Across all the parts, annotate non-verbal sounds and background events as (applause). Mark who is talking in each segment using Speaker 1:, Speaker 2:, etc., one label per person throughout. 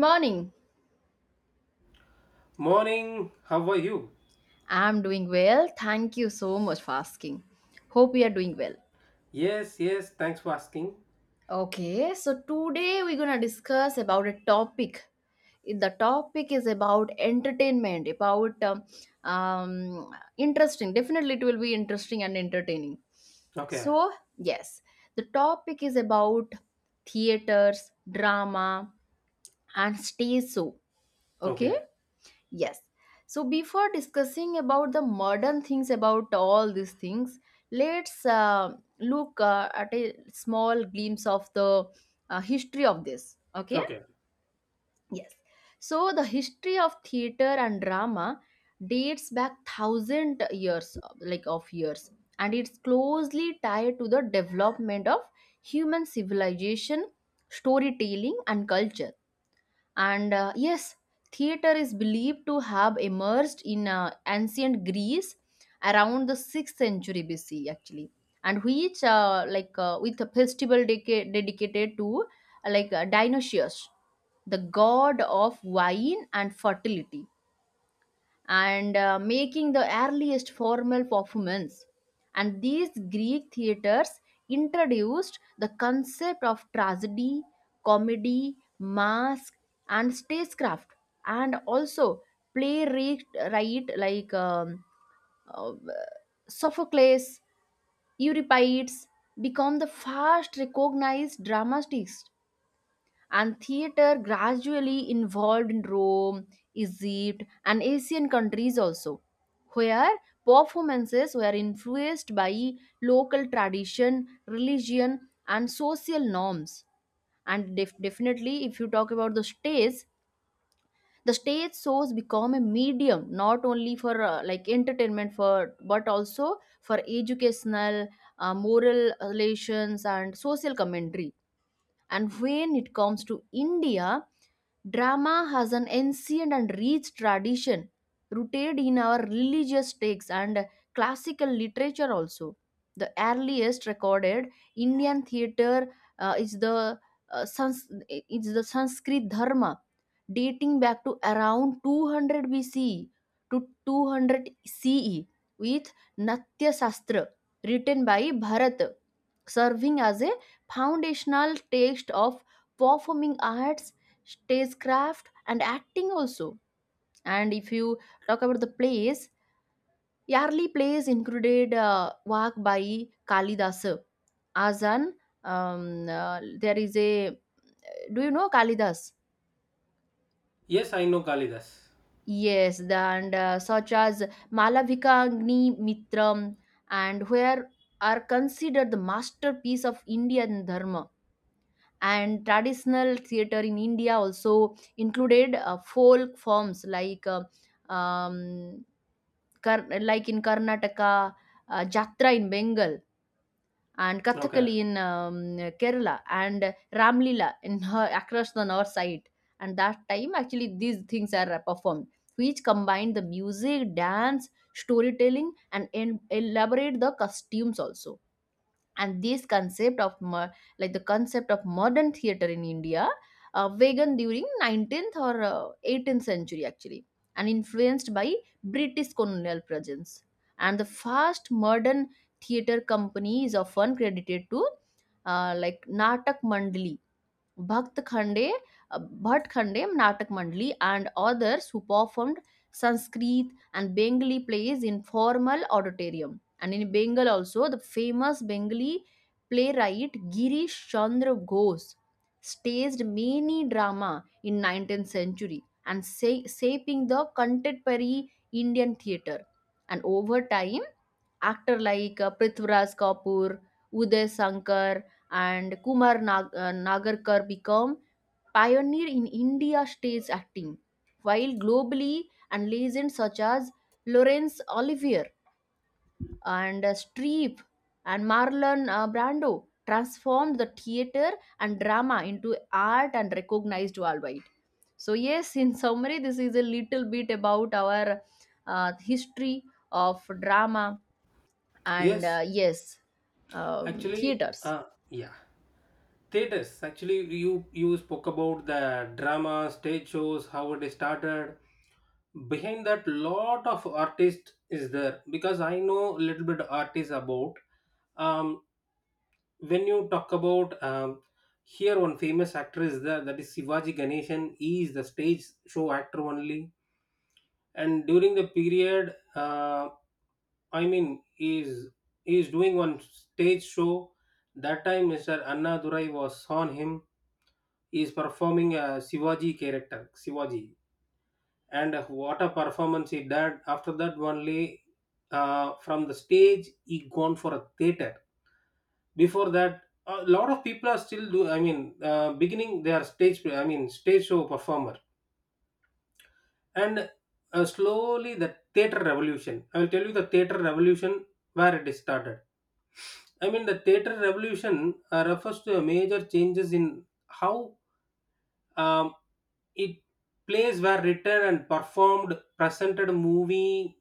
Speaker 1: Morning.
Speaker 2: Morning, how are you?
Speaker 1: I'm doing well. Thank you so much for asking. Hope you are doing well.
Speaker 2: Yes, yes, thanks for asking.
Speaker 1: Okay, so today we're gonna discuss about a topic. The topic is about entertainment, about interesting. Definitely, it will be interesting and entertaining.
Speaker 2: Okay,
Speaker 1: So, yes, the topic is about theaters, drama, and stage show. Okay,
Speaker 2: okay,
Speaker 1: yes. So before discussing about the modern things about all these things, let's look at a small glimpse of the history of this. Okay?
Speaker 2: okay.
Speaker 1: Yes. So the history of theater and drama dates back thousand years, like of years, and it's closely tied to the development of human civilization, storytelling, and culture and theater is believed to have emerged in ancient Greece around the 6th century BC, actually, and which, with a festival dedicated to, Dionysius, the god of wine and fertility and making the earliest formal performance. And these Greek theaters introduced the concept of tragedy, comedy, mask, and stagecraft, and also playwright right, like Sophocles, Euripides become the first recognized dramatists and theater gradually evolved in Rome, Egypt, and Asian countries also, where performances were influenced by local tradition, religion, and social norms. And definitely, if you talk about the stage shows become a medium not only for like entertainment for but also for educational, moral relations, and social commentary and when it comes to India, drama has an ancient and rich tradition rooted in our religious texts and classical literature also. The earliest recorded Indian theatre is the is the Sanskrit Dharma, dating back to around 200 B.C. to 200 CE with Natya Shastra written by Bharat, serving as a foundational text of performing arts stagecraft and acting also. And if you talk about the plays, early plays included work by kalidas as an there is a do you know kalidas
Speaker 2: Yes, I know Kalidas.
Speaker 1: yes and such as malavika agni mitram and where are considered the masterpiece of indian dharma. And traditional theater in india also included folk forms like um, Kar- like in Karnataka, Jatra in Bengal, and
Speaker 2: Okay.
Speaker 1: Kathakali in Kerala, and Ramlila in (laughs) her, across the north side. And that time, actually, these things are performed, which combine the music, dance, storytelling, and elaborate the costumes also. And this concept of like the concept of modern theater in india vegan during 19th or 18th century actually and influenced by british colonial presence. And the first modern theater company is often credited to like natak mandali Bhakt Khande, Bhat Khande Natak Mandali and others who performed Sanskrit and Bengali plays in formal auditorium. And in Bengal also, the famous Bengali playwright Girish Chandra Ghosh staged many drama in 19th century and shaping the contemporary Indian theatre. And over time, actor like Prithviraj Kapoor, Uday Shankar, and Nagarkar become pioneer in India stage acting, while globally and legends such as Laurence Olivier and Streep and Marlon Brando transformed the theater and drama into art and recognized worldwide. So yes, in summary, this is a little bit about our history of drama and
Speaker 2: Yes,
Speaker 1: uh, yes, um,
Speaker 2: actually,
Speaker 1: theaters.
Speaker 2: yeah. Theaters, actually, you spoke about the drama, stage shows, how it is started. Behind that, lot of artists is there because I know a little bit artists about. Um, when you talk about here one famous actor is there that is Shivaji Ganeshan. He is the stage show actor only and during the period i mean he's he's doing one stage show. That time Mr. Annadurai was on him. He's performing a Shivaji character, Shivaji, and what a performance he did. After that only from the stage he gone for a theater. Before that, a lot of people are still do, beginning they are stage, stage show performers. And slowly the theater revolution, I will tell you the theater revolution, where it is started. I mean the theater revolution refers to a major changes in how, um, it plays were written and performed, presented movie,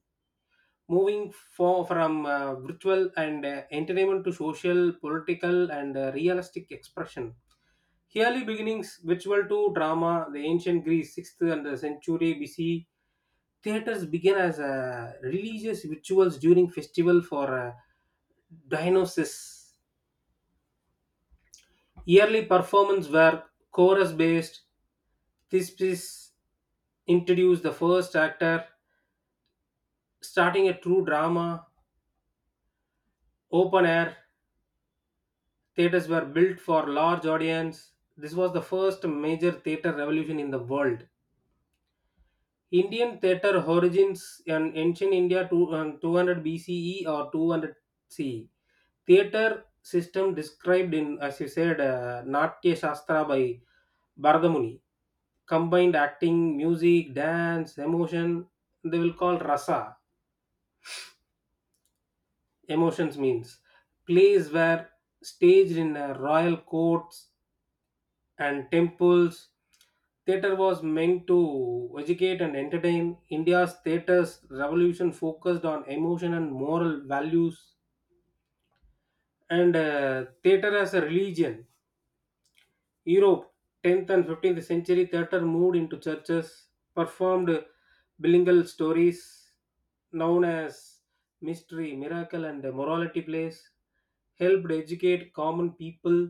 Speaker 2: moving for, from virtual and entertainment to social, political, and realistic expression. Early beginnings, ritual to drama, the ancient Greece, 6th and the century BC. Theaters began as religious rituals during festival for Dionysus. Yearly performances were chorus based. This piece introduced the first actor, starting a true drama. Open air theaters were built for large audience. This was the first major theater revolution in the world. Indian theater origins in ancient India to, 200 BCE or 200 CE. Theater system described in, as you said, Natya Shastra by Bharadamuni, combined acting, music, dance, emotion. They will call rasa. Emotions means plays were staged in royal courts and temples. Theater was meant to educate and entertain. India's theater's revolution focused on emotion and moral values, and theater as a religion. Europe, 10th and 15th century, theatre moved into churches, performed bilingual stories known as mystery, miracle, and morality plays, helped educate common people.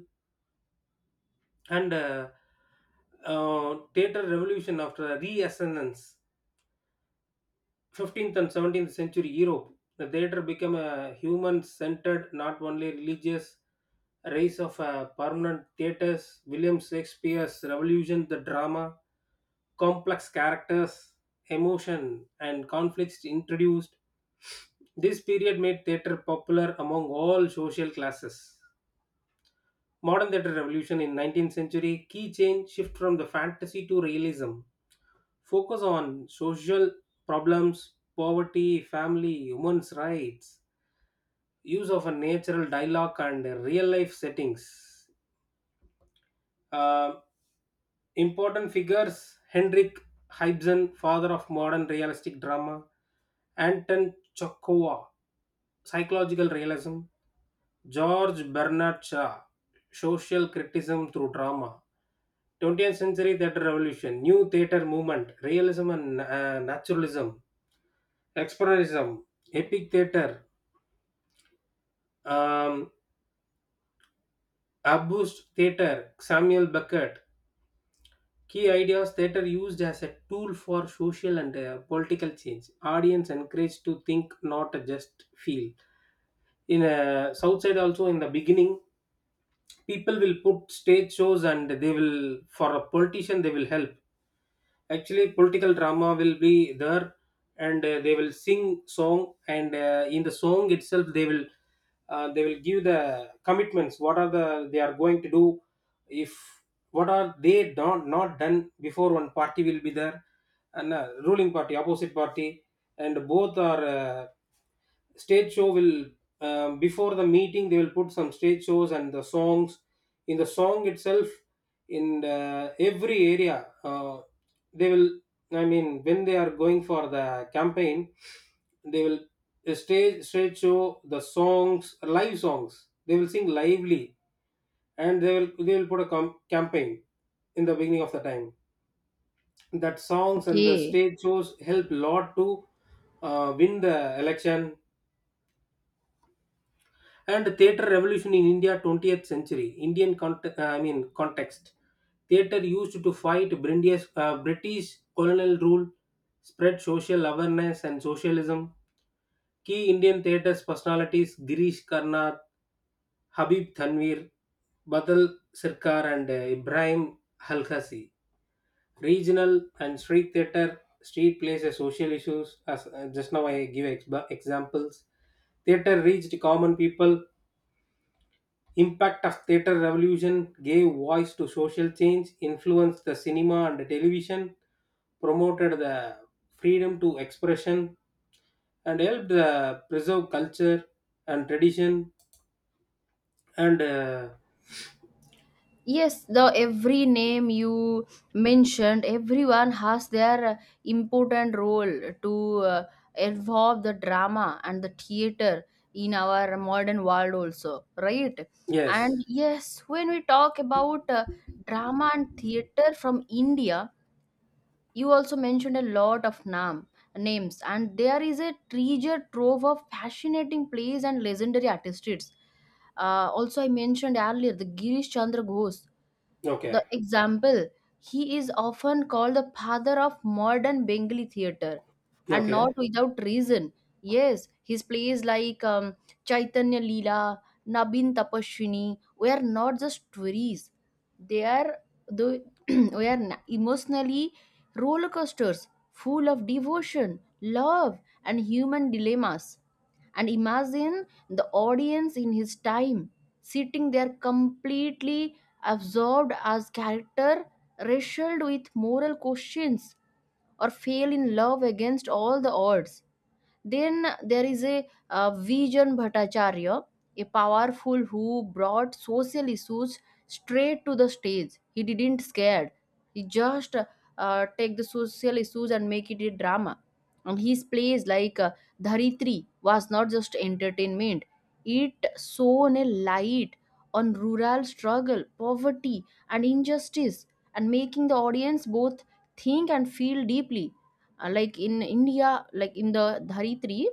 Speaker 2: And Theatre revolution after a reascendance, 15th and 17th century Europe, the theatre became a human centered, not only religious. Rise of permanent theatres. William Shakespeare's revolution, the drama, complex characters, emotion, and conflicts introduced. This period made theatre popular among all social classes. Modern theatre revolution in 19th century, key change shift from the fantasy to realism, focus on social problems, poverty, family, women's rights, use of a natural dialogue and real life settings. Uh, Important figures, Henrik Ibsen, father of modern realistic drama, Anton Chekhov, psychological realism, George Bernard Shaw, social criticism through drama. 20th century theatre revolution, new theatre movement, realism and naturalism, Expressionism, Epic Theatre, um, Abust Theatre, Samuel Beckett. Key ideas, theatre used as a tool for social and political change. Audience encouraged to think, not just feel. In South Side also, in the beginning, people will put stage shows and they will, for a politician they will help. Actually political drama will be there, and they will sing song, and in the song itself they will, they will give the commitments, what are the they are going to do, if what are they not done before. One party will be there, and ruling party, opposite party, and both are stage show will, before the meeting they will put some stage shows and the songs. In the song itself, in every area they will, I mean when they are going for the campaign, they will stage show the songs, live songs they will sing lively, and they will put a campaign. In the beginning of the time, that songs and the
Speaker 1: Okay.
Speaker 2: stage shows help lot to win the election. And theater revolution in India, 20th century Indian context, theater used to fight British, British colonial rule, spread social awareness and socialism. Key Indian theater's personalities, Girish Karnad, Habib Tanvir, Badal Sirkar, and Ibrahim Halkasi. Regional and street theater, street plays a social issues, as just now I give examples, theater reached common people. Impact of theater revolution, gave voice to social change, influenced the cinema and the television, promoted the freedom to expression, and helped preserve culture and tradition. And
Speaker 1: Yes, the every name you mentioned, everyone has their important role to involve the drama and the theater in our modern world also, right? And
Speaker 2: yes,
Speaker 1: yes, when we talk about drama and theater from India, you also mentioned a lot of names, and there is a treasure trove of fascinating plays and legendary artists. Also, I mentioned earlier the Girish Chandra Ghosh the
Speaker 2: okay,
Speaker 1: example, he is often called the father of modern Bengali theatre, and not
Speaker 2: okay,
Speaker 1: without reason. Yes, his plays like Chaitanya Leela, Nabin Tapaswini were not just stories; they are the (clears throat) were emotionally roller coasters, full of devotion, love, and human dilemmas and imagine the audience in his time sitting there completely absorbed as character wrestled with moral questions or fell in love against all the odds. Then there is a Vijan Bhattacharya, a powerful who brought social issues straight to the stage. He didn't scared. He just take the social issues and make it a drama. And his plays like Dharitri was not just entertainment. It shone a light on rural struggle, poverty, and injustice, and making the audience both think and feel deeply. Like in india like in the dharitri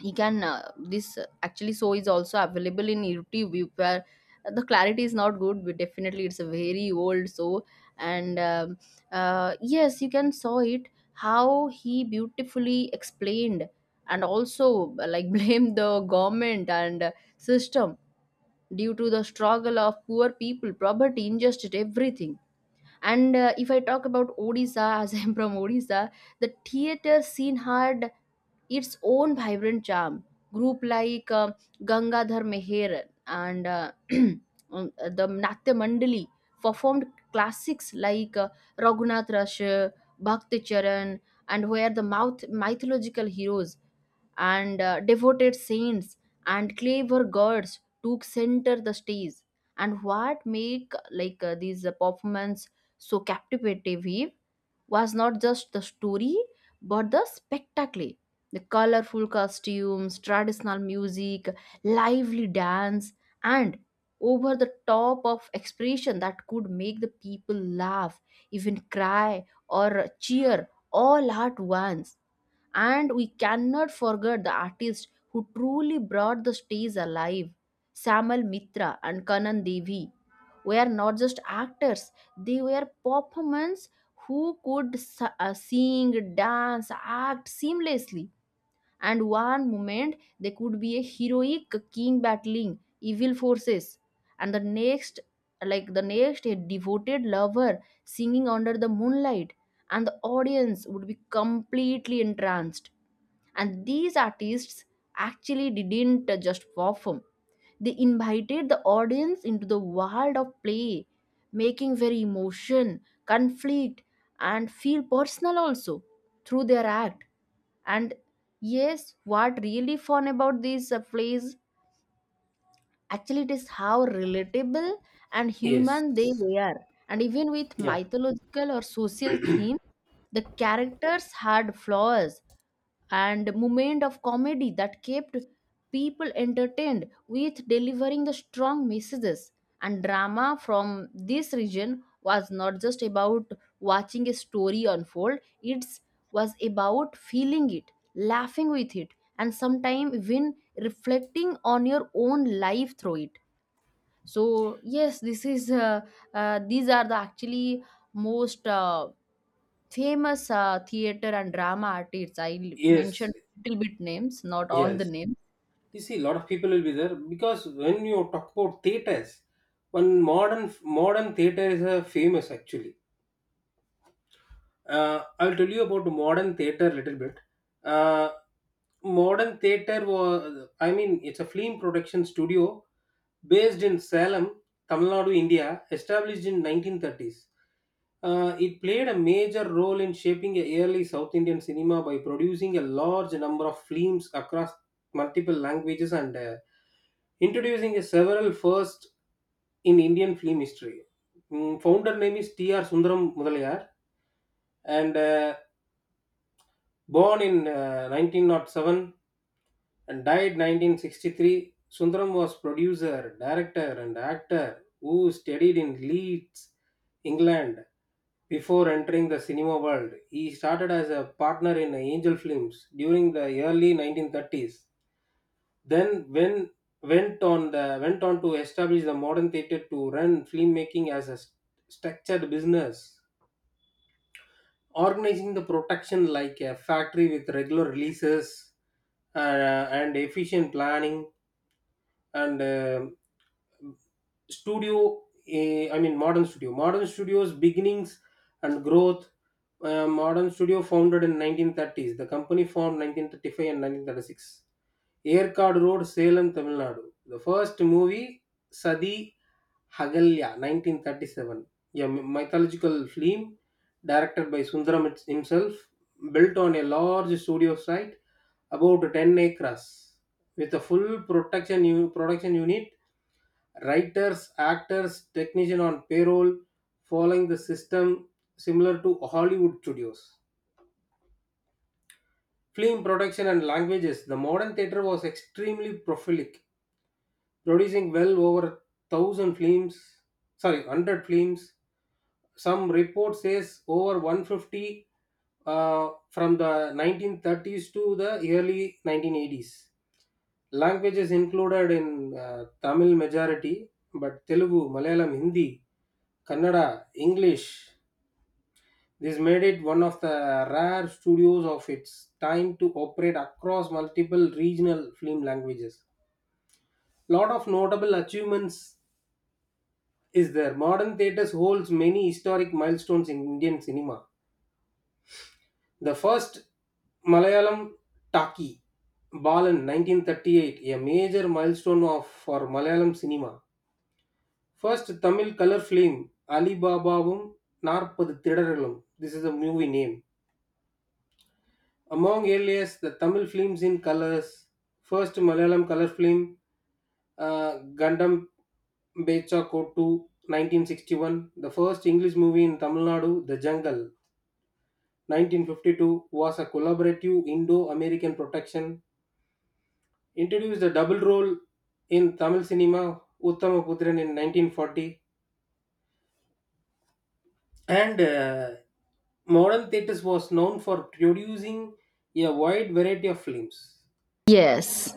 Speaker 1: you can this actually so is also available in youtube where the clarity is not good but definitely it's a very old so and yes you can saw it how he beautifully explained and also like (laughs) blame the government and system due to the struggle of poor people poverty injustice everything. And if I talk about Odisha, as (laughs) I'm from Odisha, the theater scene had its own vibrant charm. Group like Gangadhar Meher and (clears throat) the Natya Mandali performed classics like Raghunath Rush, Bhakti Charan, and were the mouth mythological heroes and devoted saints and clever gods took center the stage. And what make like these performance so captivating was not just the story but the spectacle, the colorful costumes, traditional music, lively dance, and over the top of expression that could make the people laugh even cry or cheer all at once. And we cannot forget the artists who truly brought the stage alive. Samal Mitra and Kanan Devi were not just actors, they were performers who could sing, dance, act seamlessly and one moment they could be a heroic king battling evil forces and the next like the next a devoted lover singing under the moonlight and the audience would be completely entranced. And these artists actually didn't just perform, they invited the audience into the world of play, making very emotion, conflict, and feel personal also through their act. And yes, what really fun about these plays actually it is how relatable and
Speaker 2: yes,
Speaker 1: human they were. And even with
Speaker 2: yeah,
Speaker 1: mythological or social themes, the characters had flaws, and moment of comedy that kept people entertained with delivering the strong messages. And drama from this region was not just about watching a story unfold, it was about feeling it, laughing with it, and sometimes even reflecting on your own life through it. So yes, this is these are the actually most famous theater and drama artists. I
Speaker 2: yes,
Speaker 1: mentioned little bit names, not all the
Speaker 2: yes.
Speaker 1: names.
Speaker 2: You see, a lot of people will be there because when you talk about theaters, one modern theater is famous actually. I'll tell you about modern theater a little bit. Uh, modern theater was, I mean, it's a film production studio based in Salem, Tamil Nadu, India, established in 1930s. It played a major role in shaping a early South Indian cinema by producing a large number of films across multiple languages, and introducing a several firsts in Indian film history. Mm, founder name is T.R. Sundaram Mudalayar, and born in 1907 and died 1963. Sundaram was producer, director, and actor who studied in Leeds, England, before entering the cinema world. He started as a partner in Angel Films during the early 1930s, then when went on the went on to establish the Modern Theater to run filmmaking as a structured business, organizing the protection like a factory with regular releases uh, and efficient planning. And um studio eh, i mean modern studio, modern studios, beginnings and growth. Modern studio founded in 1930s, the company formed 1935 and 1936, Aircard Road, Salem, Tamil Nadu. The first movie, Sadi Hagalya, 1937, a mythological film directed by Sundaram himself, built on a large studio site, about 10 acres, with a full production unit, writers, actors, technician on payroll, following the system similar to Hollywood studios. Film production and languages. The modern theater was extremely prolific, producing well over 1,000 films, sorry, 100 films. Some report says over 150 from the 1930s to the early 1980s. Languages included in Tamil majority, but Telugu, Malayalam, Hindi, Kannada, English. This made it one of the rare studios of its time to operate across multiple regional film languages. Lot of notable achievements is there. Modern Theatres holds many historic milestones in Indian cinema. The first Malayalam Taki, Balan 1938, a major milestone of for Malayalam cinema. First Tamil color film, Ali Babavum Narpadu Thidaralum. This is a movie name. Among earliest, the Tamil films in colors, first Malayalam color film, Gandam Becha Kotu 1961, the first English movie in Tamil Nadu, The Jungle 1952, was a collaborative Indo American production, introduced a double role in Tamil cinema Uttamaputran in 1940. And modern theatres was known for producing a wide variety of films,
Speaker 1: Yes.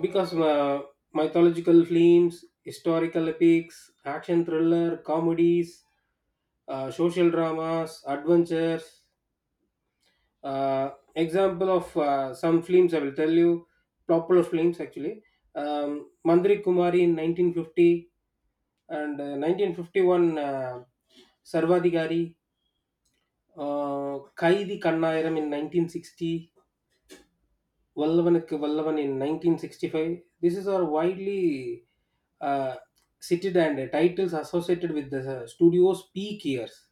Speaker 2: because mythological films, historical epics, action thriller, comedies, social dramas, adventures. uh, Example of some films I will tell you, popular films actually, um, Mandri Kumari in 1950, and 1951 Sarvadhikari, uh, Kaidi Kannayiram in 1960, Vallavanukku Vallavan in 1965. This is are widely uh, cited and titles associated with the studio's peak years.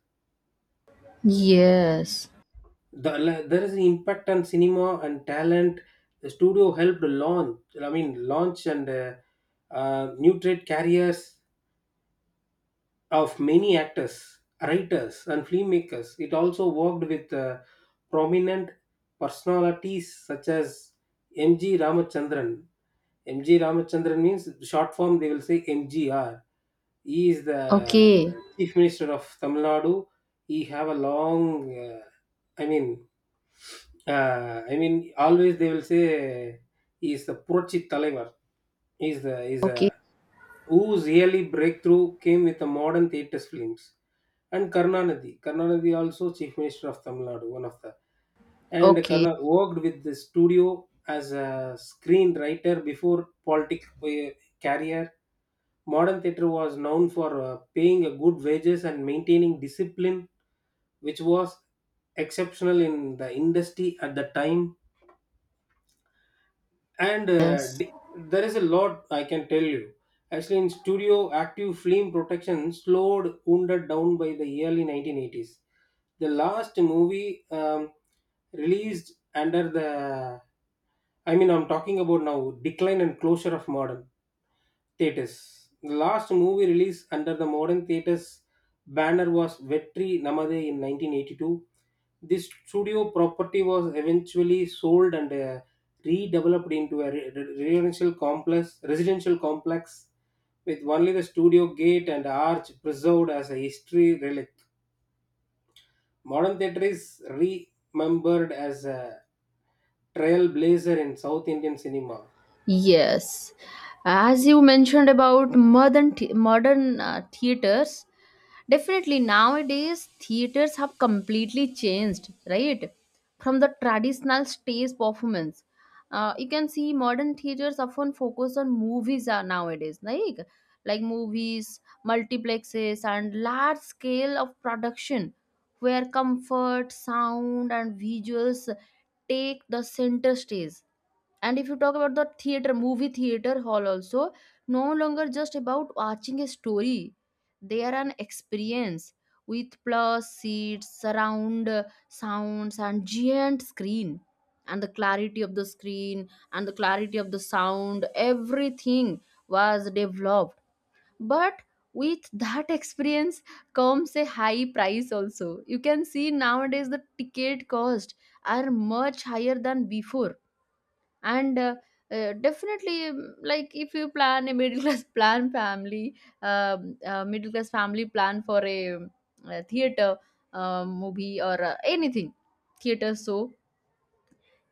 Speaker 1: Yes.
Speaker 2: The, there is an impact on cinema and talent. The studio helped launch, I mean launch and nutrate carriers of many actors, writers, and filmmakers. It also worked with prominent personalities such as MG Ramachandran. MG Ramachandran means short form they will say MGR. He is the
Speaker 1: Okay.
Speaker 2: chief minister of Tamil Nadu. He have a long uh, i mean always they will say he is the Purochit Talaivar, is the is a,
Speaker 1: Okay.
Speaker 2: whose yearly breakthrough came with the Modern Theatres films. And Karnanadi. Karnanadi also chief minister of Tamil Nadu, one of the, and
Speaker 1: Okay.
Speaker 2: Karna worked with the studio as a screenwriter before politic career. Modern theatre was known for paying a good wages and maintaining discipline, which was exceptional in the industry at the time.
Speaker 1: Yes.
Speaker 2: There is a lot I can tell you actually. In studio active film protection slowed wounded down by the early 1980s. The last movie released under the I mean I'm talking about now, decline and closure of Modern Theatres. The last movie released under the Modern Theatres banner was Vetri Namade in 1982. This studio property was eventually sold and redeveloped into a residential complex, residential complex, with only the studio gate and arch preserved as a history relic. Modern theatre is remembered as a trailblazer in South Indian cinema.
Speaker 1: Yes. As you mentioned about modern modern theaters, definitely, nowadays theaters have completely changed, right? From the traditional stage performance. You can see modern theaters often focus on movies are nowadays, like movies, multiplexes, and large scale of production, where comfort, sound, and visuals take the center stage. And if you talk about the theater, movie theater hall also, no longer just about watching a story. They are an experience with plus seats, surround sounds, and giant screen. And the clarity of the screen and the clarity of the sound, everything was developed. But with that experience comes a high price also. You can see nowadays the ticket cost are much higher than before and definitely, mm, like if you plan a middle class (laughs) plan family, middle class family plan for a, theater movie or anything, theater show,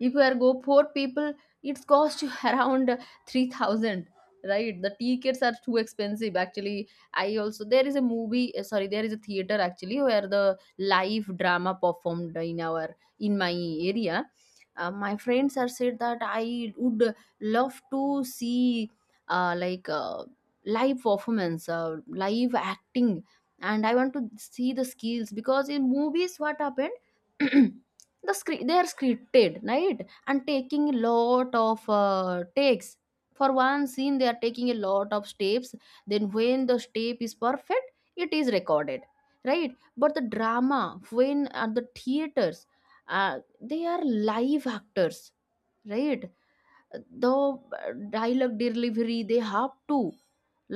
Speaker 1: if you are go four people it's cost you (laughs) around 3,000, right? The tickets are too expensive actually. I also there is a movie sorry there is a theater actually where the live drama performed in our in my area. My friends are said that I would love to see uh, like uh, live performance live acting and I want to see the skills because in movies what happened (clears throat) the screen they are scripted right and taking a lot of takes for one scene they are taking a lot of steps then when the step is perfect it is recorded right but the drama when at the theaters they are live actors right. The dialogue delivery they have to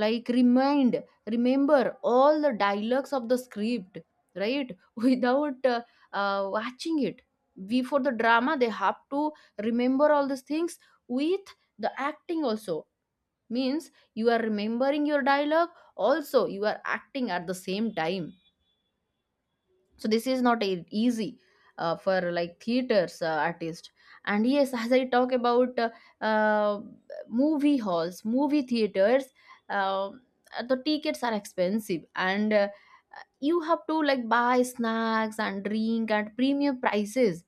Speaker 1: like remind remember all the dialogues of the script right (laughs) without watching it, we for the drama they have to remember all these things with the acting also, means you are remembering your dialogue also you are acting at the same time. So this is not easy for like theaters artist. And yes, (laughs) as I talk about uh, movie halls, movie theaters, uh, the tickets are expensive and you have to like buy snacks and drink at premium prices.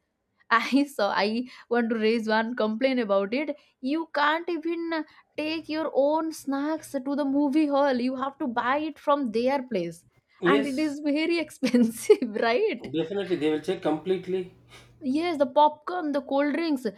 Speaker 1: I (laughs) saw I want to raise one complaint about it. You can't even take your own snacks to the movie hall. You have to buy it from their place. And it
Speaker 2: Yes,
Speaker 1: is very (laughs) expensive, right?
Speaker 2: definitely they will check completely.
Speaker 1: Yes, the popcorn, the cold drinks, uh,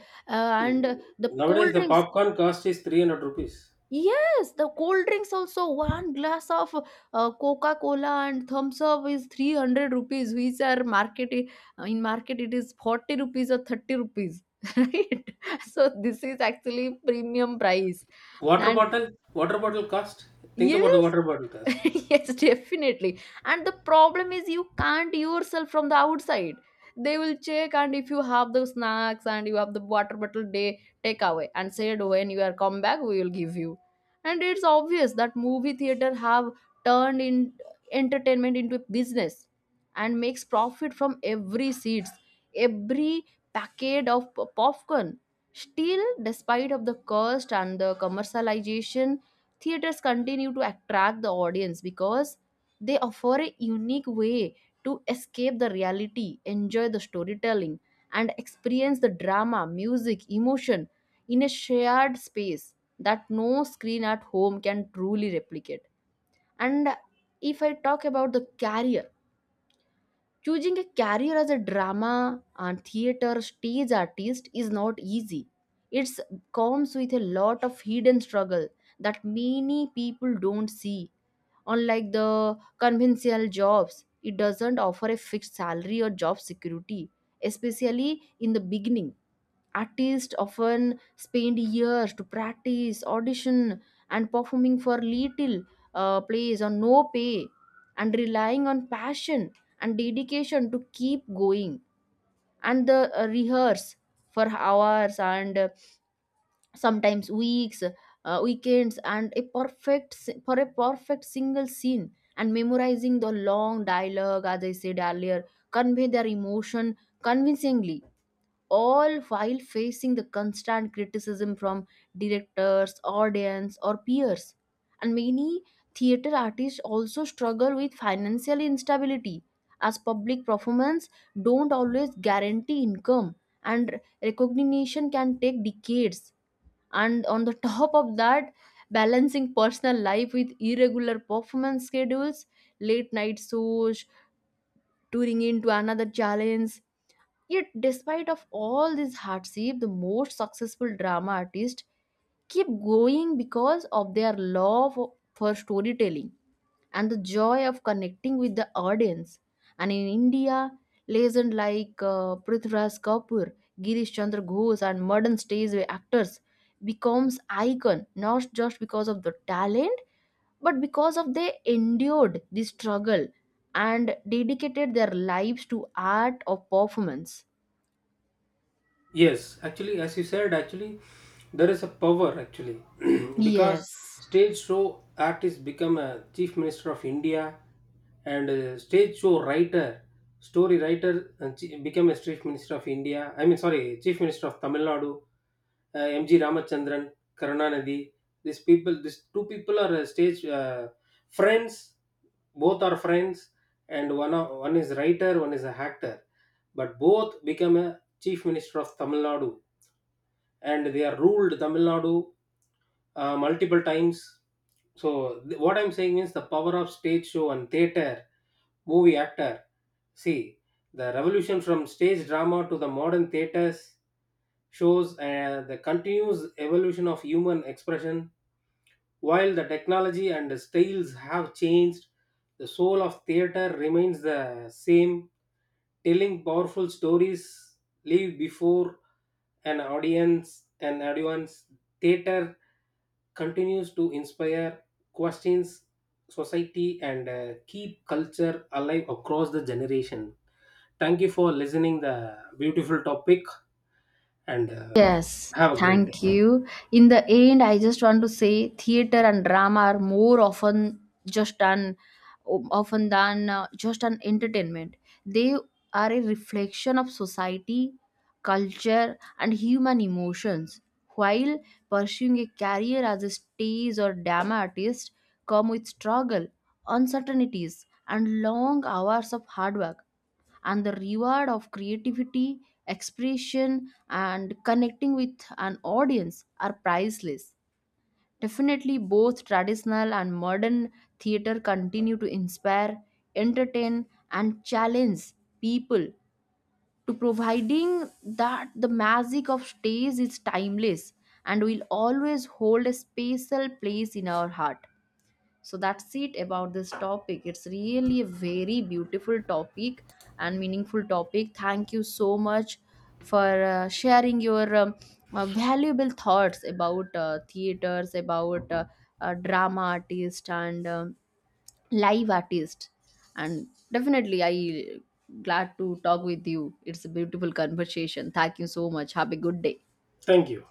Speaker 2: See,
Speaker 1: and the
Speaker 2: nowadays
Speaker 1: cold
Speaker 2: the
Speaker 1: drinks
Speaker 2: popcorn cost is 300 rupees.
Speaker 1: Yes, the cold drinks also. One glass of Coca Cola and Thumbs Up is 300 rupees, which are market in market it is 40 rupees or 30 rupees, (laughs) right? So this is actually premium price. And
Speaker 2: Water bottle cost. Think about the
Speaker 1: yes,
Speaker 2: water bottle
Speaker 1: (laughs)
Speaker 2: cost.
Speaker 1: yes, definitely. And the problem is you can't yourself from the outside. They will check and if you have the snacks and you have the water bottle, they take away and said when you are come back, we will give you. And it's obvious that movie theater have turned in entertainment into a business and makes profit from every seats, every packet of popcorn. Still, despite of the cost and the commercialization, theaters continue to attract the audience because they offer a unique way to escape the reality, enjoy the storytelling, and experience the drama, music, emotion in a shared space that no screen at home can truly replicate. And if I talk about the career, choosing a career as a drama and theater stage artist is not easy. It comes with a lot of hidden struggle that many people don't see. Unlike the conventional jobs, it doesn't offer a fixed salary or job security, especially in the beginning. Artists often spend years to practice, audition, and performing for little plays or no pay, and relying on passion and dedication to keep going. And the rehearse for hours and sometimes weeks, weekends, and for a perfect single scene. And memorizing the long dialogue, as I said earlier, convey their emotion convincingly, all while facing the constant criticism from directors, audience, or peers. And many theater artists also struggle with financial instability as public performance don't always guarantee income, and recognition can take decades. And on the (laughs) top of that, balancing personal life with irregular performance schedules, late night shows, touring into another challenge. Yet, despite of all this hardship, the most successful drama artists keep going because of their love for storytelling and the joy of connecting with the audience. And in India, legends like Prithviraj Kapoor, Girish Chandra Ghosh, and modern stage actors becomes icon not just because of the talent but because of they endured the struggle and dedicated their lives to art or performance.
Speaker 2: Yes, actually, as you said, actually, there is a power actually, (clears throat) because
Speaker 1: Yes,
Speaker 2: stage show artist become a chief minister of India, and stage show writer, story writer, become a chief minister of India. I mean, sorry, chief minister of Tamil Nadu, M.G. Ramachandran, Karunanidhi. These people, these two people are stage friends. Both are friends, and one is writer, one is a actor, but both become a chief minister of Tamil Nadu, and they are ruled Tamil Nadu multiple times. So what I'm saying is the power of stage show and theater, movie actor. See, the revolution from stage drama to the modern theaters shows the continuous evolution of human expression. While the technology and the styles have changed, the soul of theater remains the same. Telling powerful stories live before an audience, theater continues to inspire questions, society, and keep culture alive across the generation. Thank you for listening the beautiful topic, and
Speaker 1: yes,
Speaker 2: have a great day.
Speaker 1: thank you. In the end, I just want to say theater and drama are more just an often than just an entertainment. They are a reflection of society, culture, and human emotions. While pursuing a career as a stage or drama artist, come with struggle, uncertainties, and long hours of hard work, and the reward of creativity, expression, and connecting with an audience are priceless. Definitely, both traditional and modern theater continue to inspire, entertain, and challenge people to providing that the magic of stage is timeless and will always hold a special place in our heart. So that's it about this topic. It's really a very beautiful topic and meaningful topic. Thank you so much for sharing your valuable thoughts about theaters, about drama artist and live artist. And definitely I glad to talk with you. It's a beautiful conversation. Thank you so much. Have a good day.
Speaker 2: Thank you.